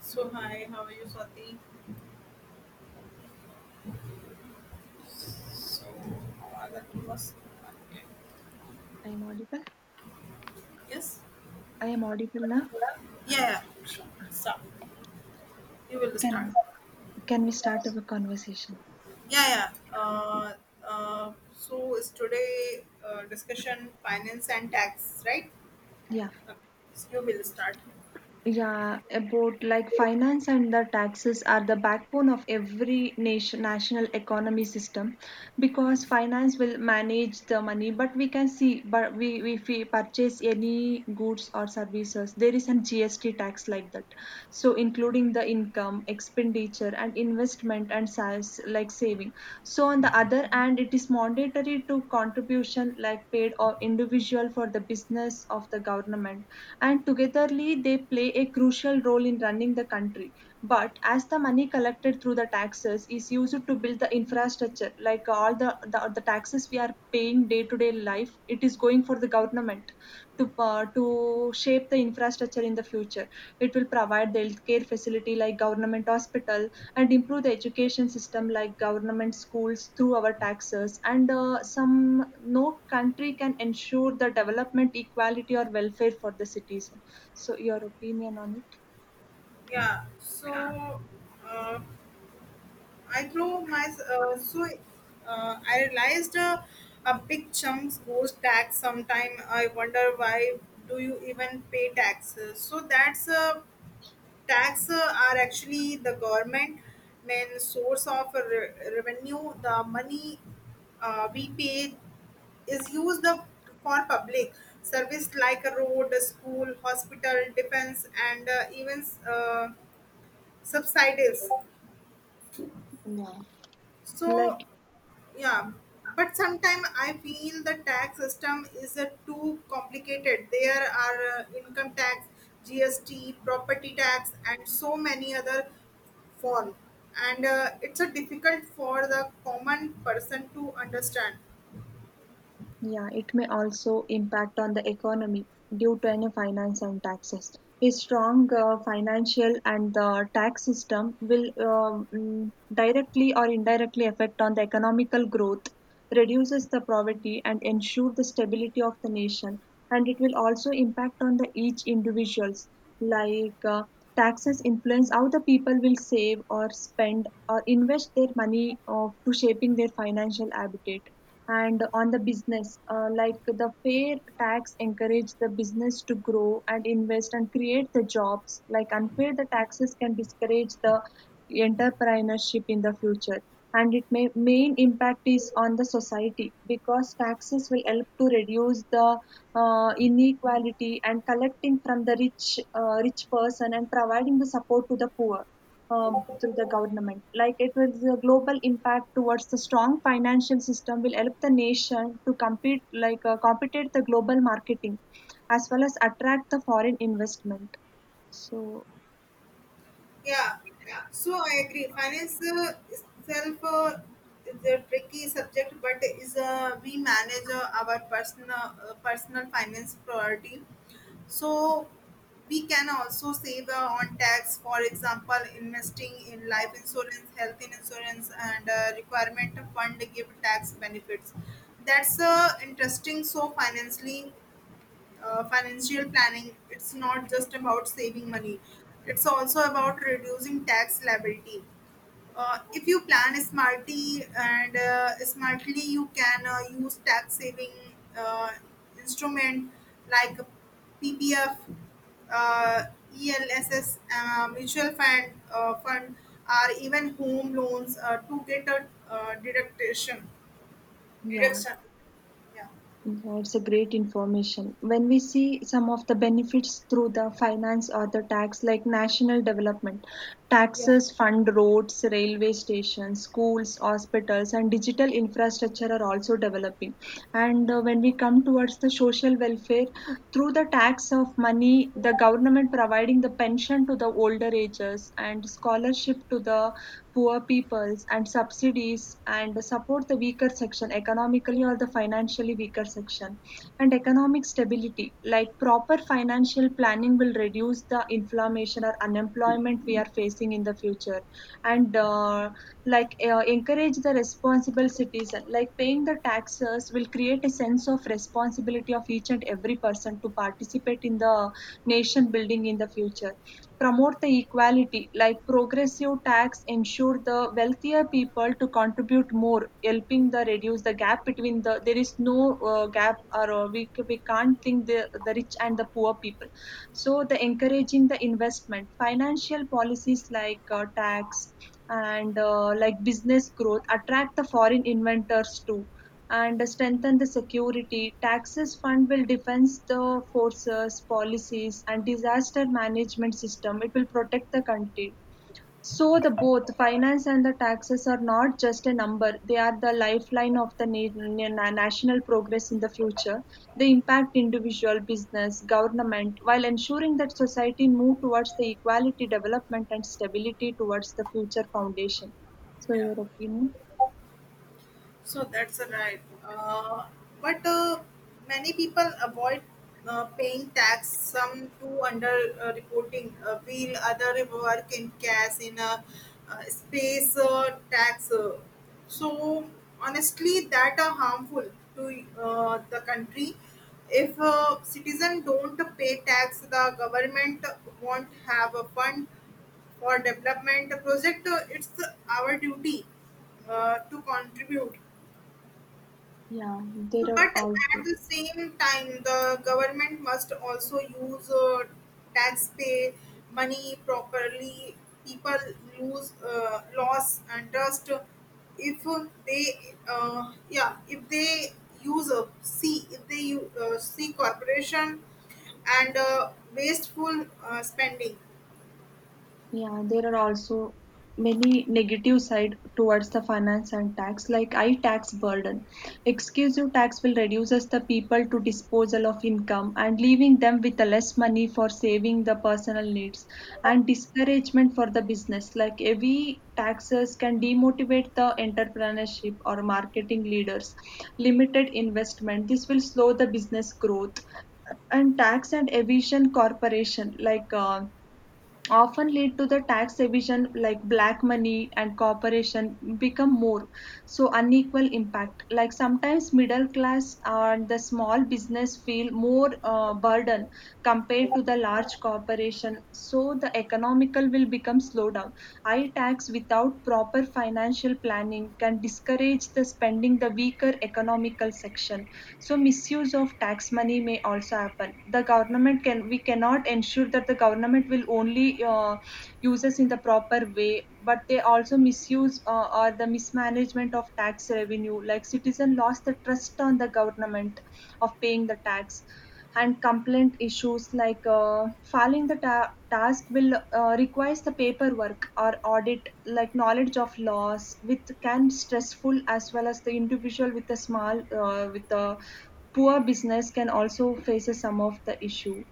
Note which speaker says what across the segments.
Speaker 1: So hi, how are you, Swati? So that was okay.
Speaker 2: I'm audible.
Speaker 1: Yes.
Speaker 2: I am audible now.
Speaker 1: Yeah, Sure. Yeah. Sure. Start. You will start.
Speaker 2: Can can we start our conversation?
Speaker 1: Yeah, yeah. Uh, so is today discussion finance and tax, right?
Speaker 2: Yeah.
Speaker 1: Okay. So you will start.
Speaker 2: Yeah, about like finance and the taxes are the backbone of every nation national economy system because finance will manage the money, but we can see, but we if we purchase any goods or services there is an GST tax like that, so including the income expenditure and investment and size like saving. So on the other hand, it is mandatory to contribution like paid or individual for the business of the government, and togetherly they play a crucial role in running the country. But as the money collected through the taxes is used to build the infrastructure, like all the taxes we are paying day to day life, it is going for the government to shape the infrastructure in the future. It will provide the healthcare facility like government hospital and improve the education system like government schools through our taxes. And some no country can ensure the development equality or welfare for the citizen. So your opinion on it?
Speaker 1: Yeah. Uh, I throw my so I realized a big chunks goes tax. Sometime I wonder why do you even pay taxes? So that's a tax are actually the government main source of revenue, the money we pay is for public service like a road, a school, hospital, defense, and even subsidies.
Speaker 2: Yeah. Like.
Speaker 1: So yeah, but sometimes I feel the tax system is too complicated. There are income tax, GST, property tax, and so many other form, and it's a difficult for the common person to understand.
Speaker 2: Yeah, it may also impact on the economy due to any finance and taxes. A strong financial and the tax system will directly or indirectly affect on the economical growth, reduces the poverty and ensure the stability of the nation. And it will also impact on the each individuals. Like taxes influence how the people will save or spend or invest their money of, to shaping their financial habitat, and on the business like the fair tax encourage the business to grow and invest and create the jobs, like unfair the taxes can discourage the entrepreneurship in the future. And it may main impact is on the society because taxes will help to reduce the inequality and collecting from the rich rich person and providing the support to the poor through the government. Like it will the global impact towards the strong financial system will help the nation to compete, like compete the global marketing as well as attract the foreign investment. So
Speaker 1: Yeah, so I agree finance itself is a tricky subject, but is we manage our personal personal finance priority. So we can also save on tax, for example, investing in life insurance, health insurance, and requirement fund give tax benefits. That's interesting. So financial planning, it's not just about saving money; it's also about reducing tax liability. If you plan smartly, and smartly you can use tax saving uh, instrument like PPF, uh, ELSS, mutual fund fund, or even home loans to get a deduction.
Speaker 2: yeah.
Speaker 1: Deduction, yeah.
Speaker 2: Yeah, it's a great information. When we see some of the benefits through the finance or the tax, like national development,
Speaker 1: Yeah.
Speaker 2: taxes fund roads, railway stations, schools, hospitals, and digital infrastructure are also developing. And when we come towards the social welfare, through the tax of money, the government providing the pension to the older ages and scholarship to the poor peoples and subsidies and support the weaker section economically or the financially weaker section, and economic stability like proper financial planning will reduce the inflammation or unemployment we are facing in the future. And like encourage the responsible citizen, like paying the taxes will create a sense of responsibility of each and every person to participate in the nation building in the future, promote the equality like progressive tax ensure the wealthier people to contribute more, helping the reduce the gap between the there is no gap, or we can't think the rich and the poor people. So the encouraging the investment, financial policies like tax and like business growth attract the foreign inventors too and strengthen the security. Taxes fund will defense the forces, policies, and disaster management system. It will protect the country. So the both finance and the taxes are not just a number, they are the lifeline of the national progress in the future. They impact individual, business, government while ensuring that society move towards the equality, development and stability towards the future foundation. So
Speaker 1: Yeah.
Speaker 2: your opinion?
Speaker 1: So that's right. But many people avoid paying tax. Some do under reporting, while other work in cash in a space tax. So honestly, that are harmful to the country. If citizens don't pay tax, the government won't have a fund for development project. It's our duty to contribute.
Speaker 2: Yeah,
Speaker 1: So,
Speaker 2: there are
Speaker 1: but
Speaker 2: also
Speaker 1: at the same time, the government must also use taxpay money properly. People lose loss and trust if they yeah, if they use a see if they see corporation and wasteful spending.
Speaker 2: Yeah, there are also many negative side towards the finance and tax, like high tax burden. Excessive tax will reduces the people to disposal of income and leaving them with the less money for saving the personal needs, and discouragement for the business. Like heavy taxes can demotivate the entrepreneurship or marketing leaders. Limited investment. This will slow the business growth and tax and evasion corporation like often lead to the tax evasion like black money, and corporation become more, so unequal impact like sometimes middle class and the small business feel more burden compared to the large corporation, so the economical will become slow down. High tax without proper financial planning can discourage the spending the weaker economical section. So misuse of tax money may also happen, the government can, we cannot ensure that the government will only use us in the proper way, but they also misuse or the mismanagement of tax revenue like citizen lost the trust on the government of paying the tax. And complaint issues like filing the task will requires the paperwork or audit like knowledge of laws, which can stressful as well as the individual with a small with a poor business can also faces some of the issue.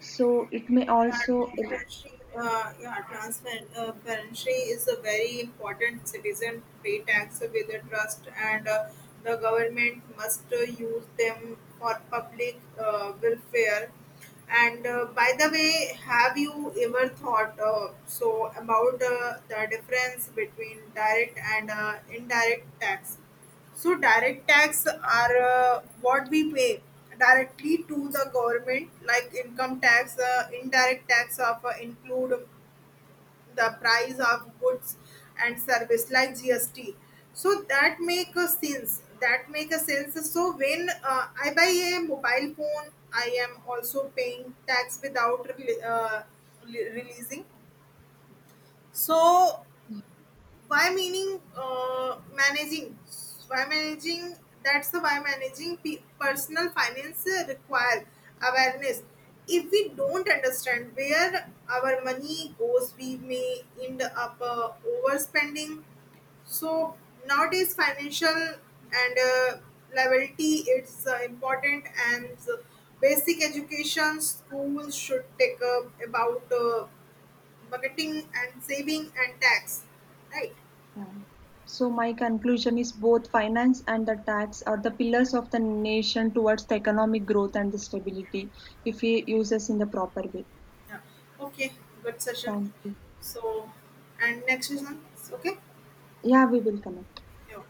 Speaker 2: So it may also,
Speaker 1: Transparency, yeah, transparency Transparency is a very important. Citizen pay tax with a trust, and the government must use them for public welfare. And by the way, have you ever thought about the difference between direct and indirect tax? So direct tax are what we pay directly to the government, like income tax. Indirect tax of include the price of goods and service, like GST. So that make a sense. That make a sense. So when I buy a mobile phone, I am also paying tax without releasing. So why meaning managing why managing, that's the why managing personal finance require awareness. If we don't understand where our money goes, we may end up overspending. So nowadays financial and liability, it's important. And basic education schools should take up about budgeting and saving and tax, right?
Speaker 2: yeah. So my conclusion is both finance and the tax are the pillars of the nation towards the economic growth and the stability if we use us in the proper way.
Speaker 1: Yeah. Okay. Good session.
Speaker 2: Thank you.
Speaker 1: So, and next session. Okay.
Speaker 2: Yeah, we will connect.
Speaker 1: Yeah.